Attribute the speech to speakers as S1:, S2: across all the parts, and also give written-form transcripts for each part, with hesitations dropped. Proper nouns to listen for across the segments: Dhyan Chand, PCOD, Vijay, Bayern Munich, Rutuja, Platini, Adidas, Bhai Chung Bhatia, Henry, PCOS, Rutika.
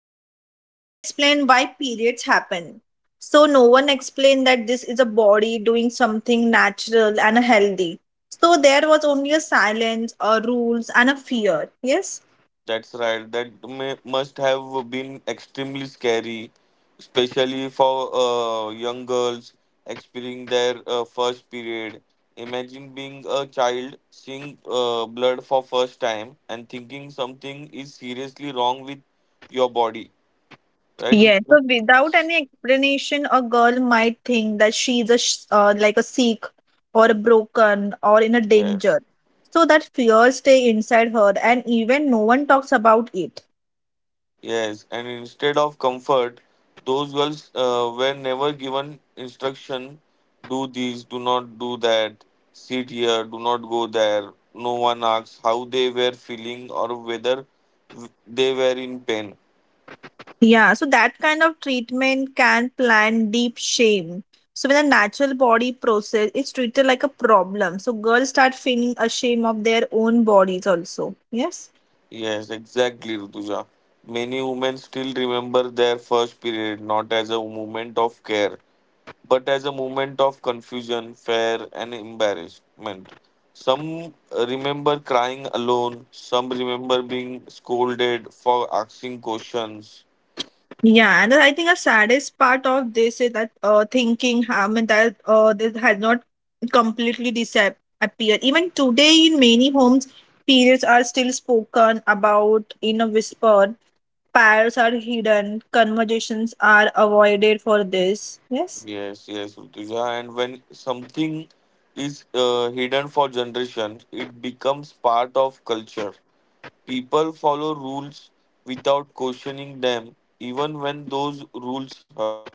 S1: this is no one explained why periods happen. So no one explained that this is a body doing something natural and healthy. So there was only a silence, a rules, and a fear. Yes.
S2: That's right. That must have been extremely scary, especially for young girls experiencing their first period. Imagine being a child, seeing blood for first time, and thinking something is seriously wrong with your body. Right,
S1: Yes,
S2: Rutika?
S1: so without any explanation, a girl might think that she is a like a sick or a broken or in a
S2: Yes.
S1: danger. So that fear stay inside her, and even no one talks about it.
S2: Yes, and instead of comfort, those girls were never given instruction, do this, do not do that, sit here, do not go there. No one asks how they were feeling or whether they were in pain.
S1: Yeah, so that kind of treatment can plant deep shame. So when a natural body process is treated like a problem, so girls start feeling ashamed of their own bodies also. Yes.
S2: Yes, exactly, Rutuja. Many women still remember their first period not as a moment of care but as a moment of confusion, fear, and embarrassment. Some remember crying alone, some remember being scolded for asking questions.
S1: Yeah, and I think the saddest part of this is that thinking, I mean, that this has not completely disappeared. Even today, in many homes, periods are still spoken about in a whisper. Pairs are hidden. Conversations are avoided for this. Yes.
S2: Yes, yes, Rutuja. And when something is hidden for generations, it becomes part of culture. People follow rules without questioning them, even when those rules hurt.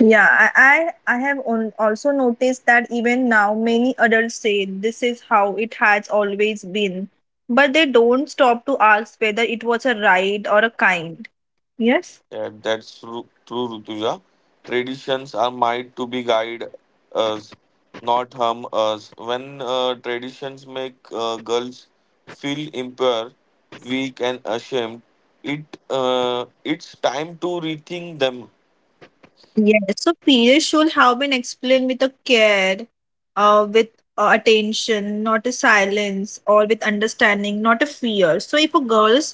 S1: Yeah, I have on, also noticed that even now many adults say this is how it has always been, but they don't stop to ask whether it was a right or a kind. Yes?
S2: Yeah, that's true, Rutuja. Traditions are meant to be guide us, not harm us. When traditions make girls feel impure, weak, and ashamed, it's time to rethink them.
S1: Yes. So periods should have been explained with a care, with attention, not a silence, or with understanding, not a fear. So if a girls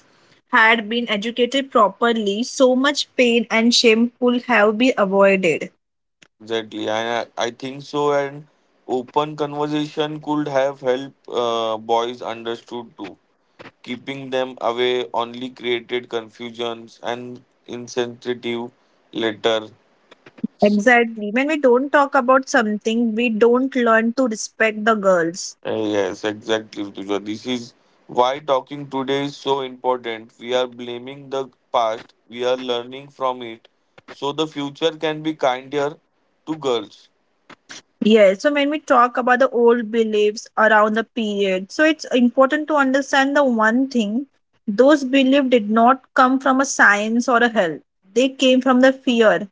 S1: had been educated properly, so much pain and shame could have been avoided.
S2: Exactly, I think so. And open conversation could have helped boys understood too. Keeping them away only created confusions and insensitive later.
S1: Exactly. When we don't talk about something, we don't learn to respect the girls.
S2: Yes, exactly, Rutuja. This is why talking today is so important. We are blaming the past, we are learning from it, so the future can be kinder to girls.
S1: Yeah. So when we talk about the old beliefs around the period, so it's important to understand the one thing those beliefs did not come from a science or a health. They came from the fear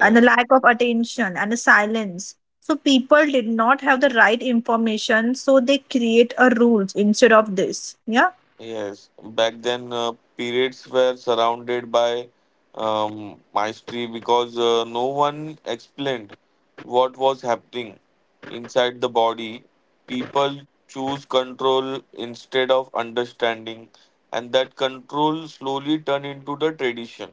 S1: and the lack of attention and the silence. So people did not have the right information, so they create a rules instead of this. Yeah.
S2: Yes, back then periods were surrounded by mystery because no one explained what was happening inside the body. People choose control instead of understanding, and that control slowly turned into the tradition.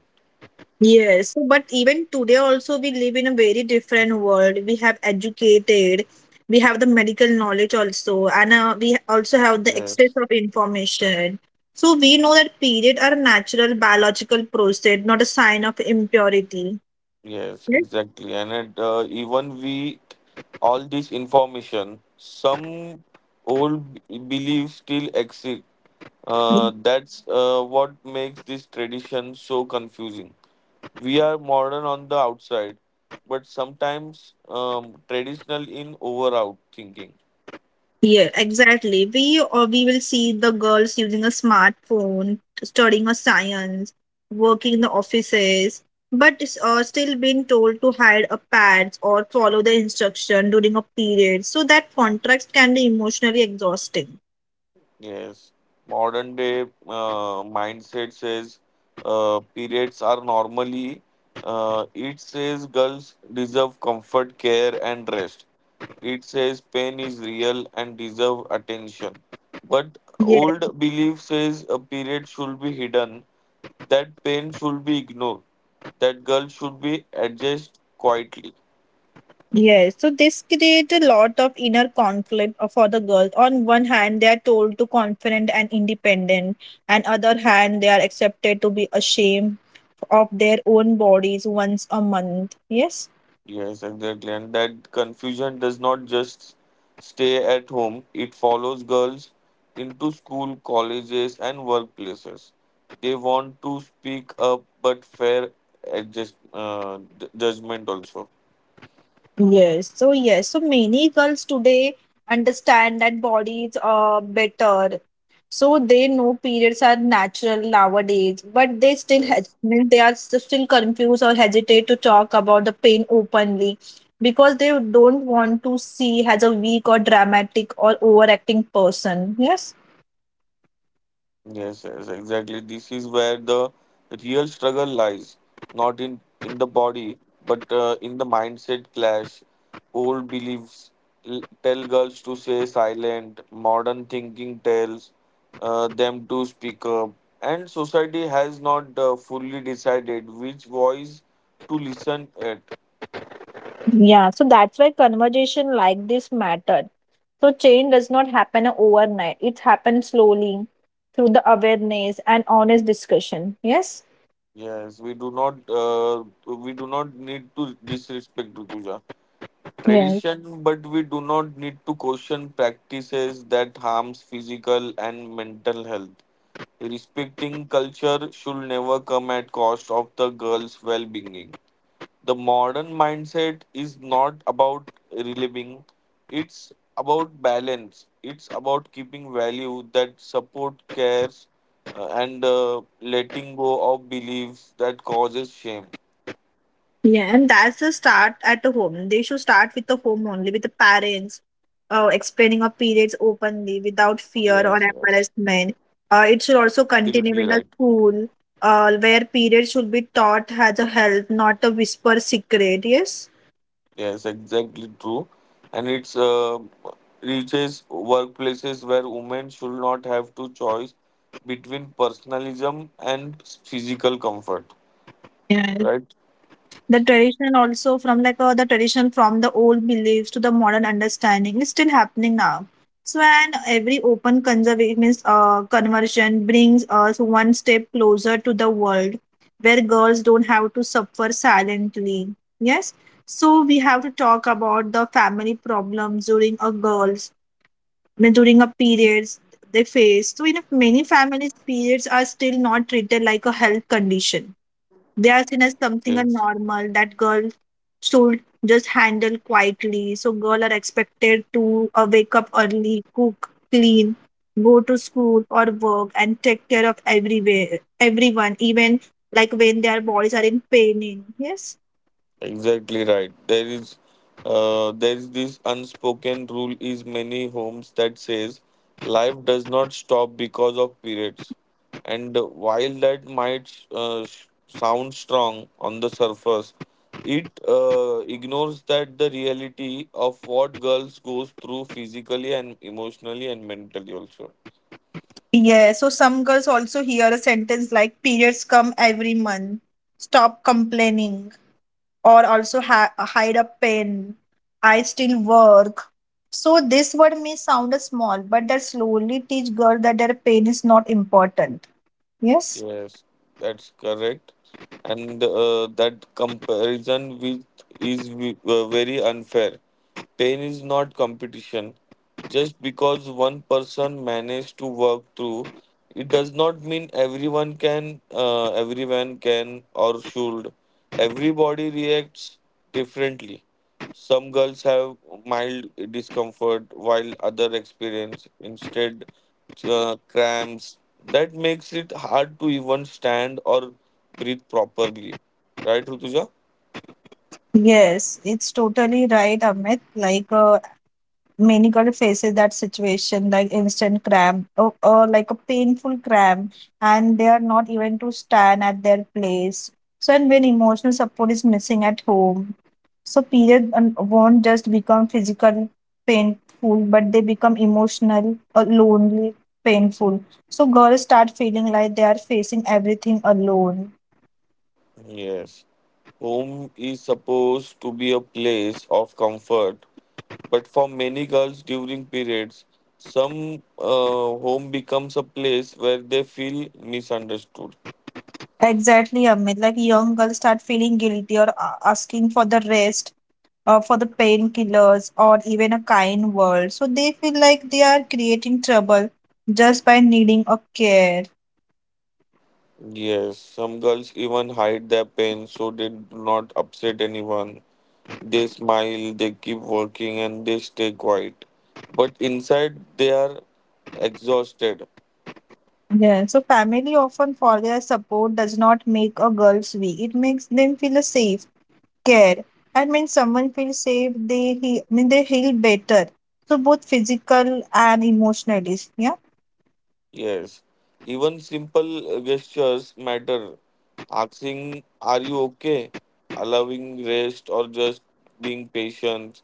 S1: Yes, so but even today also we live in a very different world. We have educated, we have the medical knowledge also, and we also have the
S2: Yes.
S1: access of information. So we know that period are a natural biological process, not a sign of impurity.
S2: Yes,
S1: Yes.
S2: exactly. And even with all this information, some old beliefs still exist. That's what makes this tradition so confusing. We are modern on the outside, but sometimes traditional in over out thinking.
S1: Yeah, exactly. We or we will see the girls using a smartphone, studying a science, working in the offices, but still being told to hide a pads or follow the instruction during a period. So that contrast can be emotionally exhausting.
S2: Yes, modern day mindset says periods are normally. It says girls deserve comfort, care, and rest. It says pain is real and deserve attention. But
S1: Yeah.
S2: old belief says a period should be hidden, that pain should be ignored, that girl should be adjusted quietly.
S1: Yes, so this creates a lot of inner conflict for the girls. On one hand, they are told to confident and independent, and other hand, they are accepted to be ashamed of their own bodies once a month. Yes.
S2: Yes, exactly. And that confusion does not just stay at home, it follows girls into school, colleges, and workplaces. They want to speak up, but fair adjust, judgment also.
S1: Yes, so yes, so many girls today understand that bodies are better. So they know periods are natural nowadays, but they still
S2: Yes.
S1: mean they are still confused or hesitate to talk about the pain openly because they don't want to see as a weak or dramatic or overacting person. Yes.
S2: Yes, yes, exactly. This is where the real struggle lies, not in the body, but in the mindset clash. Old beliefs tell girls to stay silent. Modern thinking tells them to speak up, and society has not fully decided which voice to listen at.
S1: Yeah, so that's why conversation like this matter. So change does not happen overnight. It happens slowly through the awareness and honest discussion. Yes?
S2: Yes, we do not. We do not need to disrespect Rutuja
S1: Yes.
S2: tradition, but we do not need to question practices that harms physical and mental health. Respecting culture should never come at cost of the girl's well-being. The modern mindset is not about reliving; it's about balance. It's about keeping value that support cares and letting go of beliefs that causes shame.
S1: Yeah, and that's the start at the home. They should start with the home only, with the parents, explaining our periods openly without
S2: Yes,
S1: fear or
S2: yes,
S1: embarrassment. It should also
S2: absolutely
S1: continue in
S2: right.
S1: a school, where periods should be taught as a health, not a whisper secret. Yes.
S2: Yes, exactly true. And it's reaches workplaces where women should not have to choice between personalism and physical comfort,
S1: Yes.
S2: right?
S1: The tradition also from the tradition from the old beliefs to the modern understanding is still happening now. So and every open conservation means conversion brings us one step closer to the world where girls don't have to suffer silently. Yes. So we have to talk about the family problems during a girls, I mean, during a periods they face. So in many families periods are still not treated like a health condition. They are seen as something a
S2: Yes.
S1: normal that girl should just handle quietly. So girls are expected to wake up early, cook, clean, go to school or work, and take care of everywhere everyone, even like when their bodies are in pain. Yes.
S2: Exactly right. There is this unspoken rule is many homes that says life does not stop because of periods, and while that might sound strong on the surface, it ignores that the reality of what girls goes through physically and emotionally and mentally also.
S1: Yeah, so some girls also hear a sentence like periods come every month, stop complaining, or also hide a pain, I still work. So this word may sound small, but that slowly teach girl that their pain is not important. Yes.
S2: Yes, that's correct. And that comparison with is very unfair. Pain is not competition. Just because one person managed to work through, it does not mean everyone can, everyone can or should. Everybody reacts differently. Some girls have mild discomfort while other experience instead cramps. That makes it hard to even stand or breathe properly. Right, Rutuja?
S1: Yes, it's totally right, Amit. Like, many girl faces that situation, like instant cramp or like a painful cramp, and they are not even to stand at their place. So, and when emotional support is missing at home, so period won't just become physical painful, but they become emotional, lonely, painful. So girls start feeling like they are facing everything alone.
S2: Yes. Home is supposed to be a place of comfort, but for many girls during periods, some home becomes a place where they feel misunderstood.
S1: Exactly, Amit. Like young girls start feeling guilty or asking for the rest, or for the painkillers, or even a kind word. So they feel like they are creating trouble just by needing a care.
S2: Yes, some girls even hide their pain so they do not upset anyone. They smile, they keep working, and they stay quiet. But inside, they are exhausted.
S1: Yeah. So family often forgets support does not make a girls weak. It makes them feel safe, care. And when someone feels safe, they he I mean they heal better. So both physical and emotionally. Yeah.
S2: Yes, even simple gestures matter. Asking, are you okay? Allowing rest or just being patient.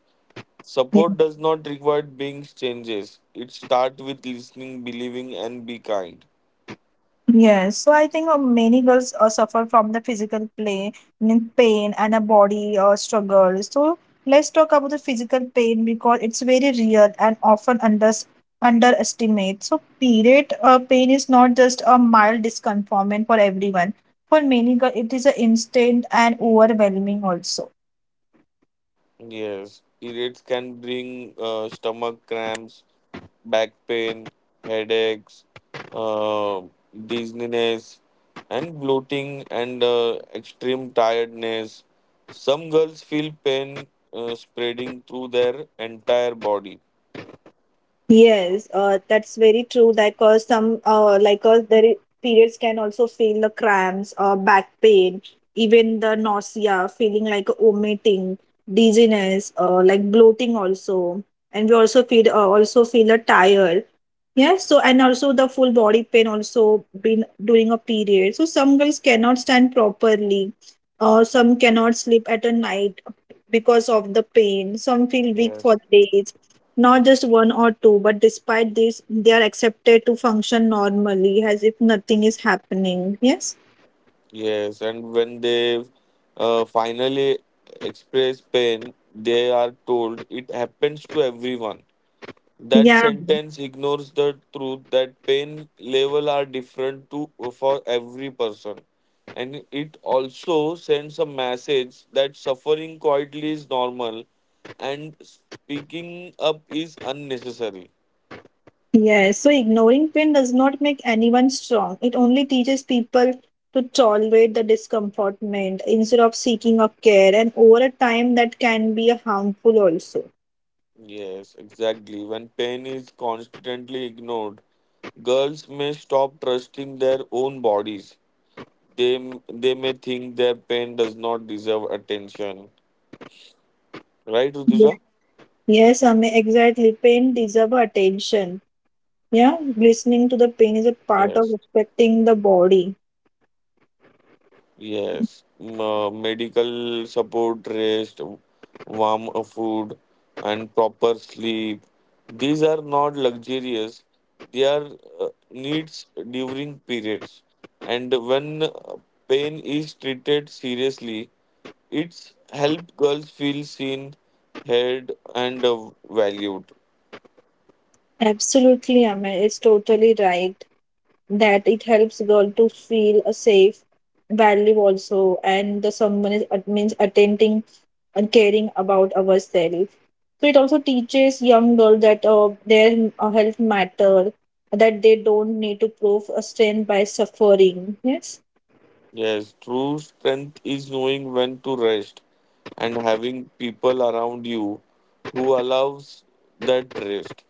S2: Support does not require being changes. It starts with listening, believing, and be kind.
S1: Yes, so I think many girls suffer from the physical play, mean pain and a body struggle. So let's talk about the physical pain because it's very real and often underestimated. So period pain is not just a mild discomfort for everyone. For many girls, it is an instant and overwhelming also.
S2: Yes, periods can bring stomach cramps, back pain, headaches, uh, dizziness, and bloating and extreme tiredness. Some girls feel pain spreading through their entire body.
S1: Yes, that's very true. Like, some periods can also feel the cramps, back pain, even the nausea, feeling like vomiting, dizziness, like bloating also, and we also feel a tired. Yeah, so and also the full body pain also been during a period. So some girls cannot stand properly, or some cannot sleep at a night because of the pain. Some feel weak for
S2: Yes.
S1: days, not just one or two, but despite this, they are accepted to function normally as if nothing is happening. Yes.
S2: Yes, and when they finally express pain, they are told it happens to everyone. That
S1: Yeah.
S2: sentence ignores the truth that pain level are different to for every person. And it also sends a message that suffering quietly is normal and speaking up is unnecessary.
S1: Yes, so ignoring pain does not make anyone strong. It only teaches people to tolerate the discomfortment instead of seeking a care, and over a time that can be harmful also.
S2: Yes, exactly. When pain is constantly ignored, girls may stop trusting their own bodies. They may think their pain does not deserve attention. Right,
S1: Yeah.
S2: Rutuja?
S1: Yes, I mean, exactly. Pain deserves attention. Yeah, listening to the pain is a part
S2: Yes.
S1: of respecting the body.
S2: Yes, medical support, rest, warm food, and proper sleep. These are not luxurious. They are needs during periods. And when pain is treated seriously, it's help girls feel seen, heard, and valued.
S1: Absolutely, I mean, it's totally right that it helps girl to feel a safe value also, and the someone is means attending and caring about ourselves. So it also teaches young girls that their health matter, that they don't need to prove a strength by suffering. Yes.
S2: Yes, true strength is knowing when to rest and having people around you who allows that rest,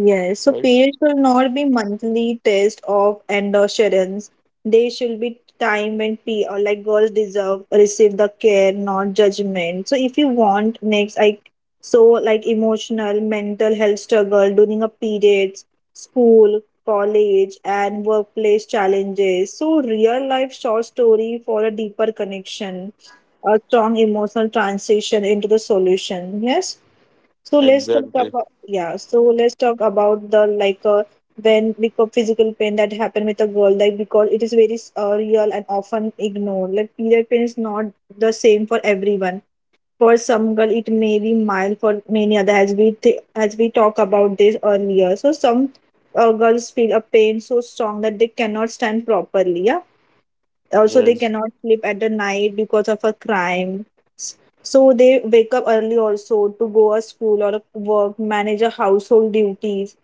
S1: Yes, so
S2: right?
S1: periods should not be monthly test of endurance. They should be time when p or like girls deserve receive the care, not judgment. So if you want next, I so like emotional, mental health struggle during a periods, school, college, and workplace challenges. So real life short story for a deeper connection, a strong emotional transition into the solution. Yes. So let's talk
S2: Exactly.
S1: about yeah. So let's talk about the when because physical pain that happened with a girl like because it is very real and often ignored. Like period pain is not the same for everyone. For some girl, it may be mild. For many other, as we talk about this earlier, so some girls feel a pain so strong that they cannot stand properly. Yeah, also, they cannot
S2: Yes.
S1: sleep at the night because of a crime. So they wake up early also to go a school or a work, manage a household duties,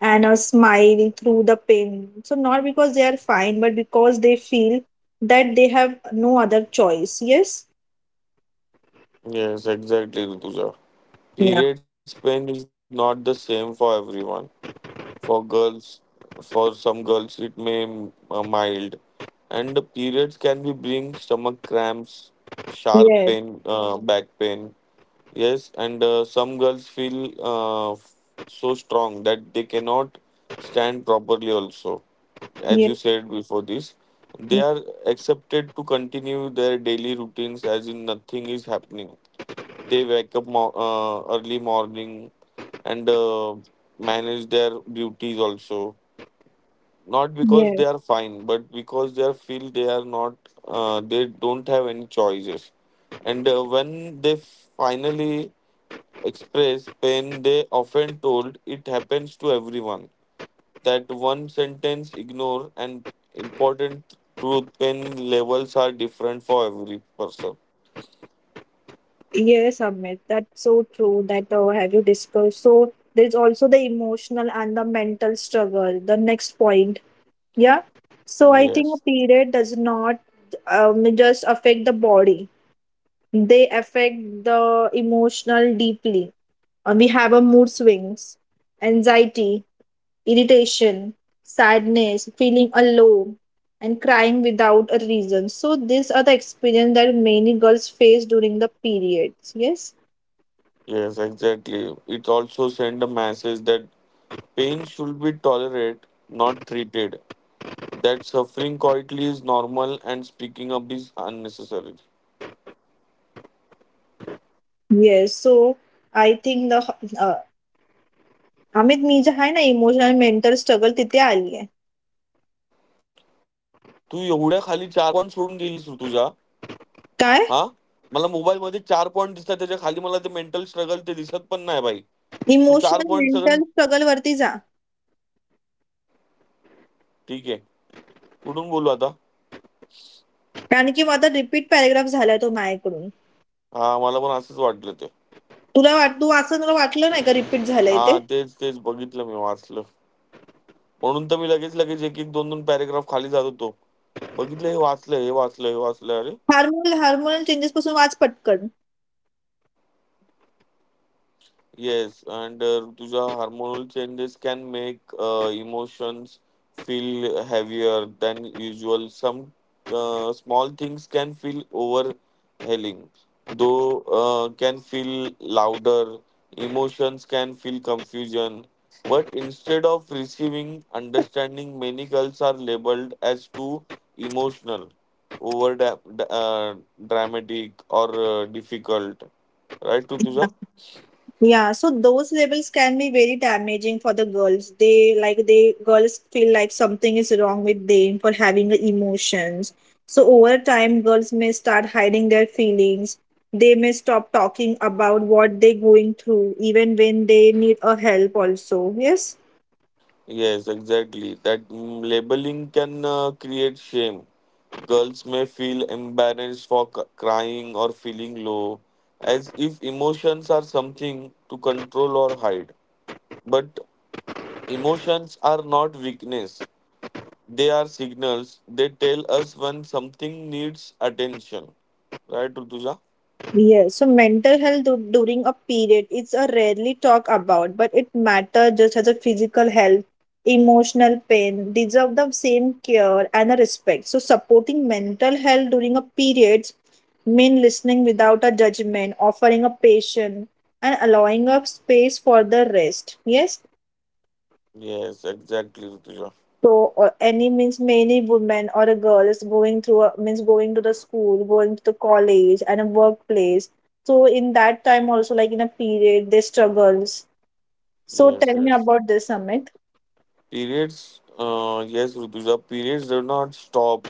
S1: and a smile through the pain. So not because they are fine, but because they feel that they have no other choice. Yes.
S2: Yes, exactly, Rituja.
S1: Yeah.
S2: Period pain is not the same for everyone. For girls, for some girls, it may mild, and the periods can be bring stomach cramps, sharp
S1: Yes.
S2: pain, back pain. Yes, and some girls feel so strong that they cannot stand properly, also. As
S1: Yes.
S2: you said before this, they
S1: Yes.
S2: are accepted to continue their daily routines as in nothing is happening. They wake up early morning and manage their duties also. Not because
S1: Yes.
S2: they are fine, but because they are feel they are not, they don't have any choices. And when they finally express pain, they often told it happens to everyone. That one sentence ignore an important truth pain levels are different for every person.
S1: Yes, Amit, that's so true that have you discussed. So there's also the emotional and the mental struggle, the next point. Yeah. So I think a
S2: Yes,
S1: period does not just affect the body. They affect the emotional deeply. We have a mood swings, anxiety, irritation, sadness, feeling alone, and crying without a reason. So these are the experience that many girls face during the periods. Yes.
S2: yes, exactly. It also send a message that pain should be tolerated, not treated. That suffering quietly is normal and speaking up is unnecessary.
S1: Yes. So I think the uh, Amit मी जे आहे ना emotional mental struggle तिथे आली आहे
S2: तू एवढ्या खाली चार point सोडून गेलीस ऋतुजा हां?
S1: काय
S2: मला मोबाईलमध्ये 4 पॉइंट दिसतात. त्याच्या खाली मला ते मेंटल स्ट्रगल ते दिसत पण नाही भाई. तू 4 पॉइंट
S1: इमोशनल,
S2: सगळं
S1: मेंटल स्ट्रगलवरती जा.
S2: ठीक आहे. कुठून बोलू आता?
S1: कारण की माझा रिपीट पॅराग्राफ झालाय तो माझ्याकडून.
S2: हां, मला पण असंच वाटलं ते.
S1: तुला वाट तू असं तुला वाटलं नाही का रिपीट झालंय ते?
S2: हां, तेच, बघितलं मी वाचलं. म्हणून तर मी लगेच, 1-1, 2-2 पॅराग्राफ खाली जात होतो. बघितलं हे वाचलं, हे वाचलं, हे वाचलं. अरे!
S1: हार्मोनल हार्मोनल चेंजेस पासून वाच पटकन.
S2: Yes, and Rutuja, hormonal changes can make emotions feel heavier than usual. Some small things can feel overwhelming, though can feel louder. Emotions can feel confusion, but instead of receiving understanding, many girls are labeled as too emotional, over dramatic, or difficult. Right, Rutuja?
S1: Yeah so those labels can be very damaging for the girls. They like they girls feel like something is wrong with them for having a emotions. So over time girls may start hiding their feelings. They may stop talking about what they going through even when they need a help also. Yes.
S2: Yes, exactly. That labeling can create shame. Girls may feel embarrassed for crying or feeling low, as if emotions are something to control or hide. But emotions are not weakness, they are signals. They tell us when something needs attention. Right, Rutuja?
S1: Yeah, so mental health during a period, it's a rarely talk about, but it matter just as a physical health, emotional pain, deserve the same care and a respect. So supporting mental health during a period mean listening without a judgment, offering a patient and allowing a space for the rest. Yes,
S2: Yes, exactly, Rutuja.
S1: so or any means many women or a girl is going through a, means going to the school, going to the college and a workplace. So in that time also like in a period they struggles. So
S2: Yes,
S1: tell me
S2: yes.
S1: about this, Amit.
S2: Rutuja, periods do not stop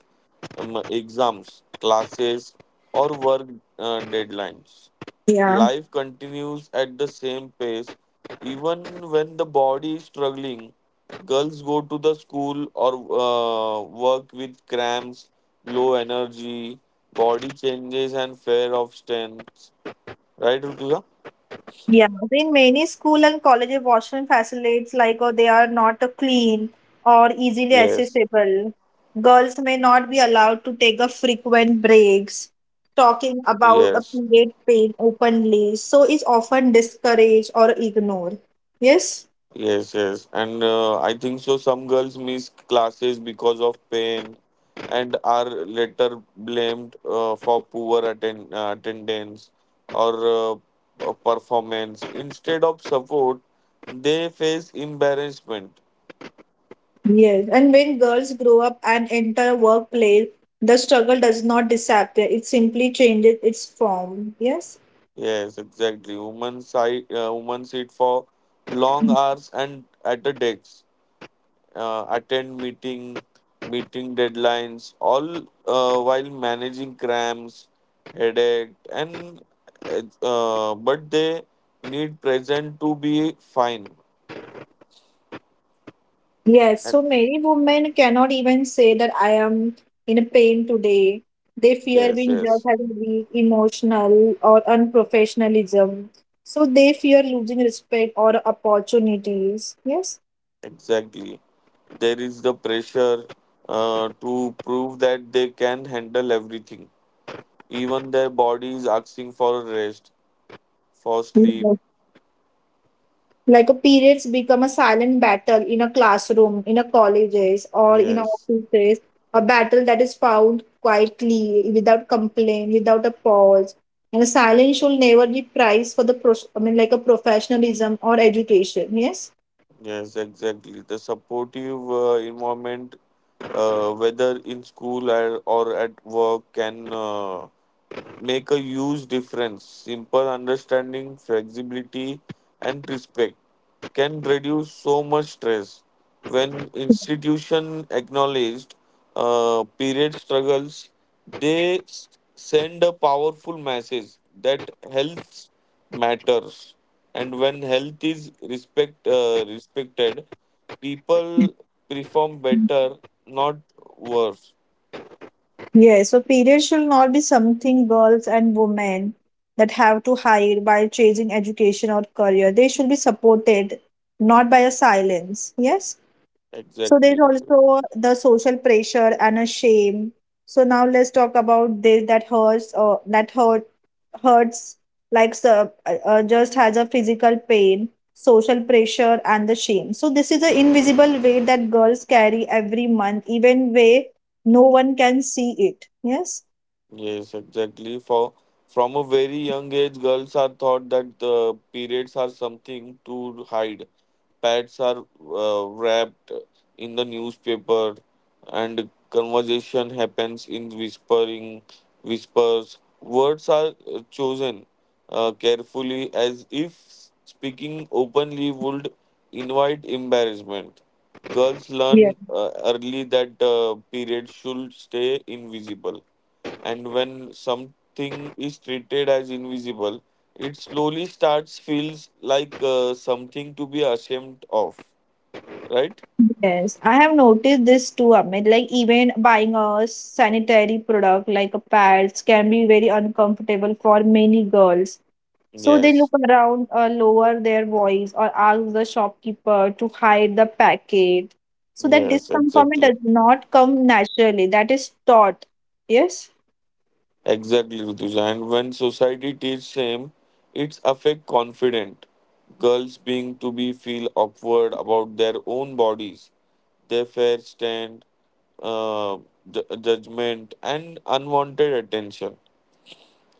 S2: exams, classes, or work deadlines.
S1: Yeah.
S2: Life continues at the same pace, even when the body is struggling. Girls go to the school or work with cramps, low energy, body changes, and fear of strength. Right, Rutuja?
S1: Yeah, in many school and colleges, washroom facilities like they are not clean or easily
S2: Yes,
S1: accessible. Girls may not be allowed to take a frequent breaks. Talking about a
S2: yes.
S1: period pain openly, so is often discouraged or ignored. Yes,
S2: Yes. And I think so some girls miss classes because of pain and are later blamed for poor attendance or performance. Instead of support, they face embarrassment.
S1: yes. And when girls grow up and enter workplace, the struggle does not disappear. It simply changes its form. Yes.
S2: Yes, exactly. Women sit for long hours and at the decks attend meeting deadlines all while managing cramps headache and but they need present to be fine.
S1: Yes,
S2: Ac-
S1: so many women cannot even say that I am in a pain today. They fear
S2: yes,
S1: being judged
S2: yes,
S1: as weak, emotional, or unprofessionalism. So they fear losing respect or opportunities. Yes.
S2: exactly, there is the pressure to prove that they can handle everything even their body is asking for rest for sleep.
S1: Like a periods become a silent battle in a classroom, in a colleges, or in a
S2: Yes.
S1: offices, a battle that is found quietly, without complaint, without a pause. And a silence should never be prized for the I mean like a professionalism or education. Yes.
S2: Yes, exactly. The supportive environment, whether in school or at work, can make a huge difference. Simple understanding, flexibility, and respect can reduce so much stress. When institution acknowledged period struggles, they send a powerful message that health matters, and when health is respected, people perform better, not worse.
S1: Yes, so periods should not be something girls and women that have to hide by chasing education or career. They should be supported, not by a silence. Yes. So there's
S2: Exactly.
S1: also the social pressure and a shame. So now let's talk about this that hurts or that hurts like so, just has a physical pain, social pressure and the shame. So this is the invisible weight that girls carry every month, even way no one can see it. Yes.
S2: Yes, exactly. For from a very young age, girls are taught that the periods are something to hide. Pads are wrapped in the newspaper, and conversation happens in whispering whispers. Words are chosen carefully as if speaking openly would invite embarrassment. Girls
S1: Yeah.
S2: learn early that periods should stay invisible, and when something is treated as invisible, it slowly starts feels like something to be ashamed of, right?
S1: Yes, I have noticed this too, Amit. Like even buying a sanitary product like a pads can be very uncomfortable for many girls. So they look
S2: Yes,
S1: around, lower their voice, or ask the shopkeeper to hide the packet. So that
S2: yes,
S1: discomfort
S2: exactly,
S1: does not come naturally. That is taught. Yes.
S2: exactly, Rutuja. And when society teaches shame, it's affect confident. Girls being to be feel awkward about their own bodies, their fair stand, uh, judgment, and unwanted attention.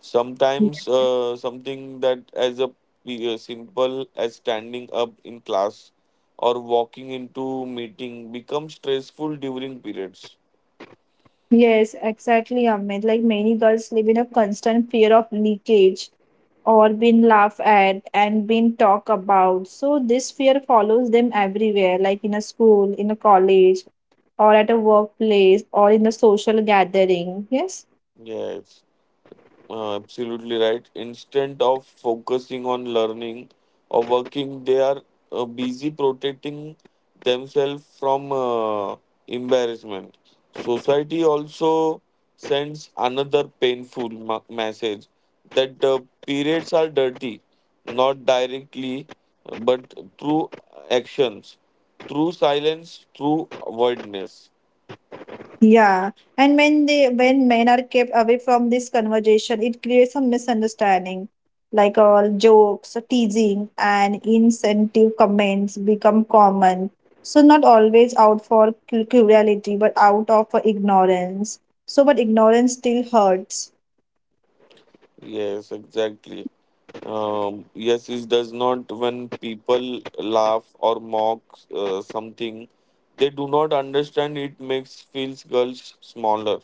S2: Sometimes something that as a simple as standing up in class or walking into meeting becomes stressful during periods.
S1: Yes, exactly, Amit. Like many girls live in a constant fear of leakage or being laughed at and being talked about. So this fear follows them everywhere, like in a school, in a college, or at a workplace, or in a social gathering. Yes.
S2: Yes. Absolutely right. Instead of focusing on learning or working, they are busy protecting themselves from embarrassment. Society also sends another painful message that periods are dirty, not directly, but through actions, through silence, through avoidance.
S1: Yeah, and when men are kept away from this conversation, it creates a misunderstanding. Like all jokes, teasing, and insensitive comments become common. So not always out for cruelty, but out of ignorance. So, but ignorance still hurts.
S2: Yes, exactly. Yes, it does not when people laugh or mock something, they do not understand. It makes feels girls smaller.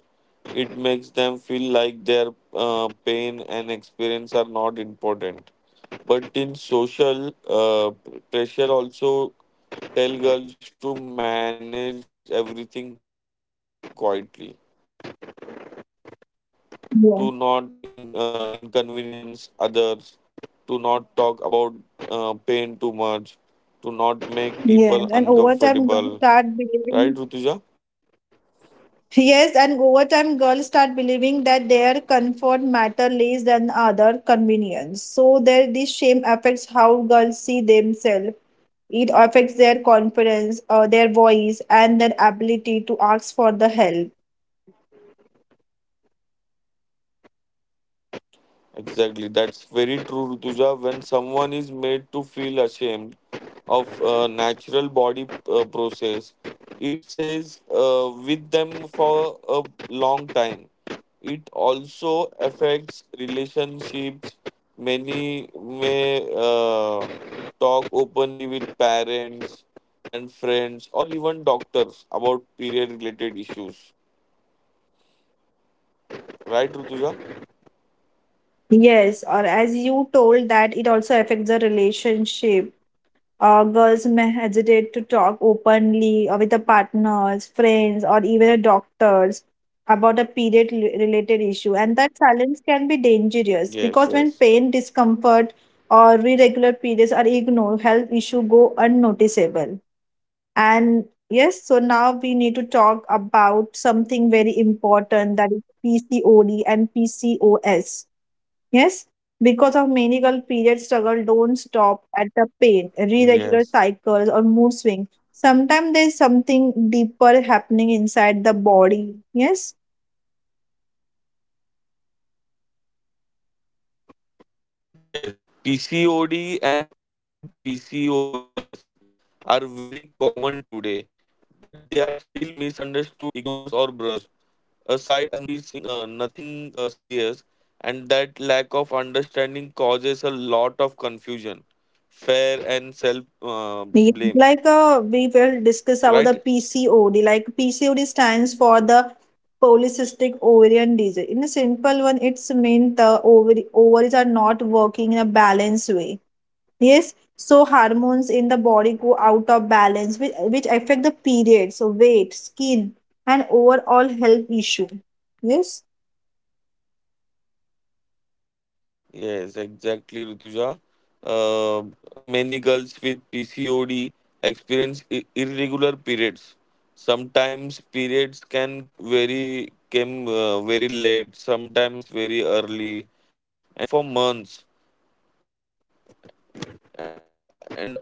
S2: It makes them feel like their pain and experience are not important. But in social pressure, also tell girls to manage everything quietly to not inconvenience others,
S1: Yeah.
S2: to not talk about pain too much, to not make people uncomfortable. Right,
S1: Yes, and
S2: Rutuja?
S1: over time, girls start believing Yes, and over time, girls start believing that their comfort matter less than other convenience. So there, this shame affects how girls see themselves. It affects their confidence, their voice, and their ability to ask for the help.
S2: Exactly, that's very true, Rutuja. When someone is made to feel ashamed of natural body process, it stays with them for a long time. It also affects relationships. Many may talk openly with parents and friends, or even doctors about period-related issues. Right, Rutuja?
S1: Yes, or as you told that it also affects the relationship. Girls may hesitate to talk openly or with their partners, friends, or even their doctors about a period related issue. And that silence can be dangerous
S2: Yes,
S1: because when
S2: yes,
S1: pain, discomfort, or irregular periods are ignored, health issues go unnoticeable. And yes, so now we need to talk about something very important that is
S2: yes,
S1: PCOD and PCOS. Yes, because of menopausal period struggle don't stop at the pain,
S2: yes.
S1: irregular cycles or mood swings. Sometimes there's something deeper happening inside the body. Yes.
S2: Yes, PCOD and PCOS are very common today, but they are still misunderstood, ignored, or brushed aside as noticing nothing serious, and that lack of understanding causes a lot of confusion, fear, and self
S1: Yeah, like
S2: blame.
S1: we will discuss about the
S2: Right?
S1: PCOD. Like PCOD stands for the polycystic ovarian disease. In a simple one, it's mean the ovary ovaries are not working in a balanced way. Yes, so hormones in the body go out of balance, which affect the periods, so weight, skin, and overall health issue. Yes.
S2: Yes, exactly, Rutuja. Uh, many girls with PCOD experience irregular periods. Sometimes periods can very come very late, sometimes very early, and sometimes they do not come for months.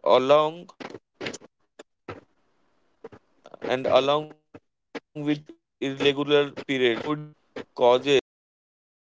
S2: And uh, and along and along with irregular periods, PCOD can causes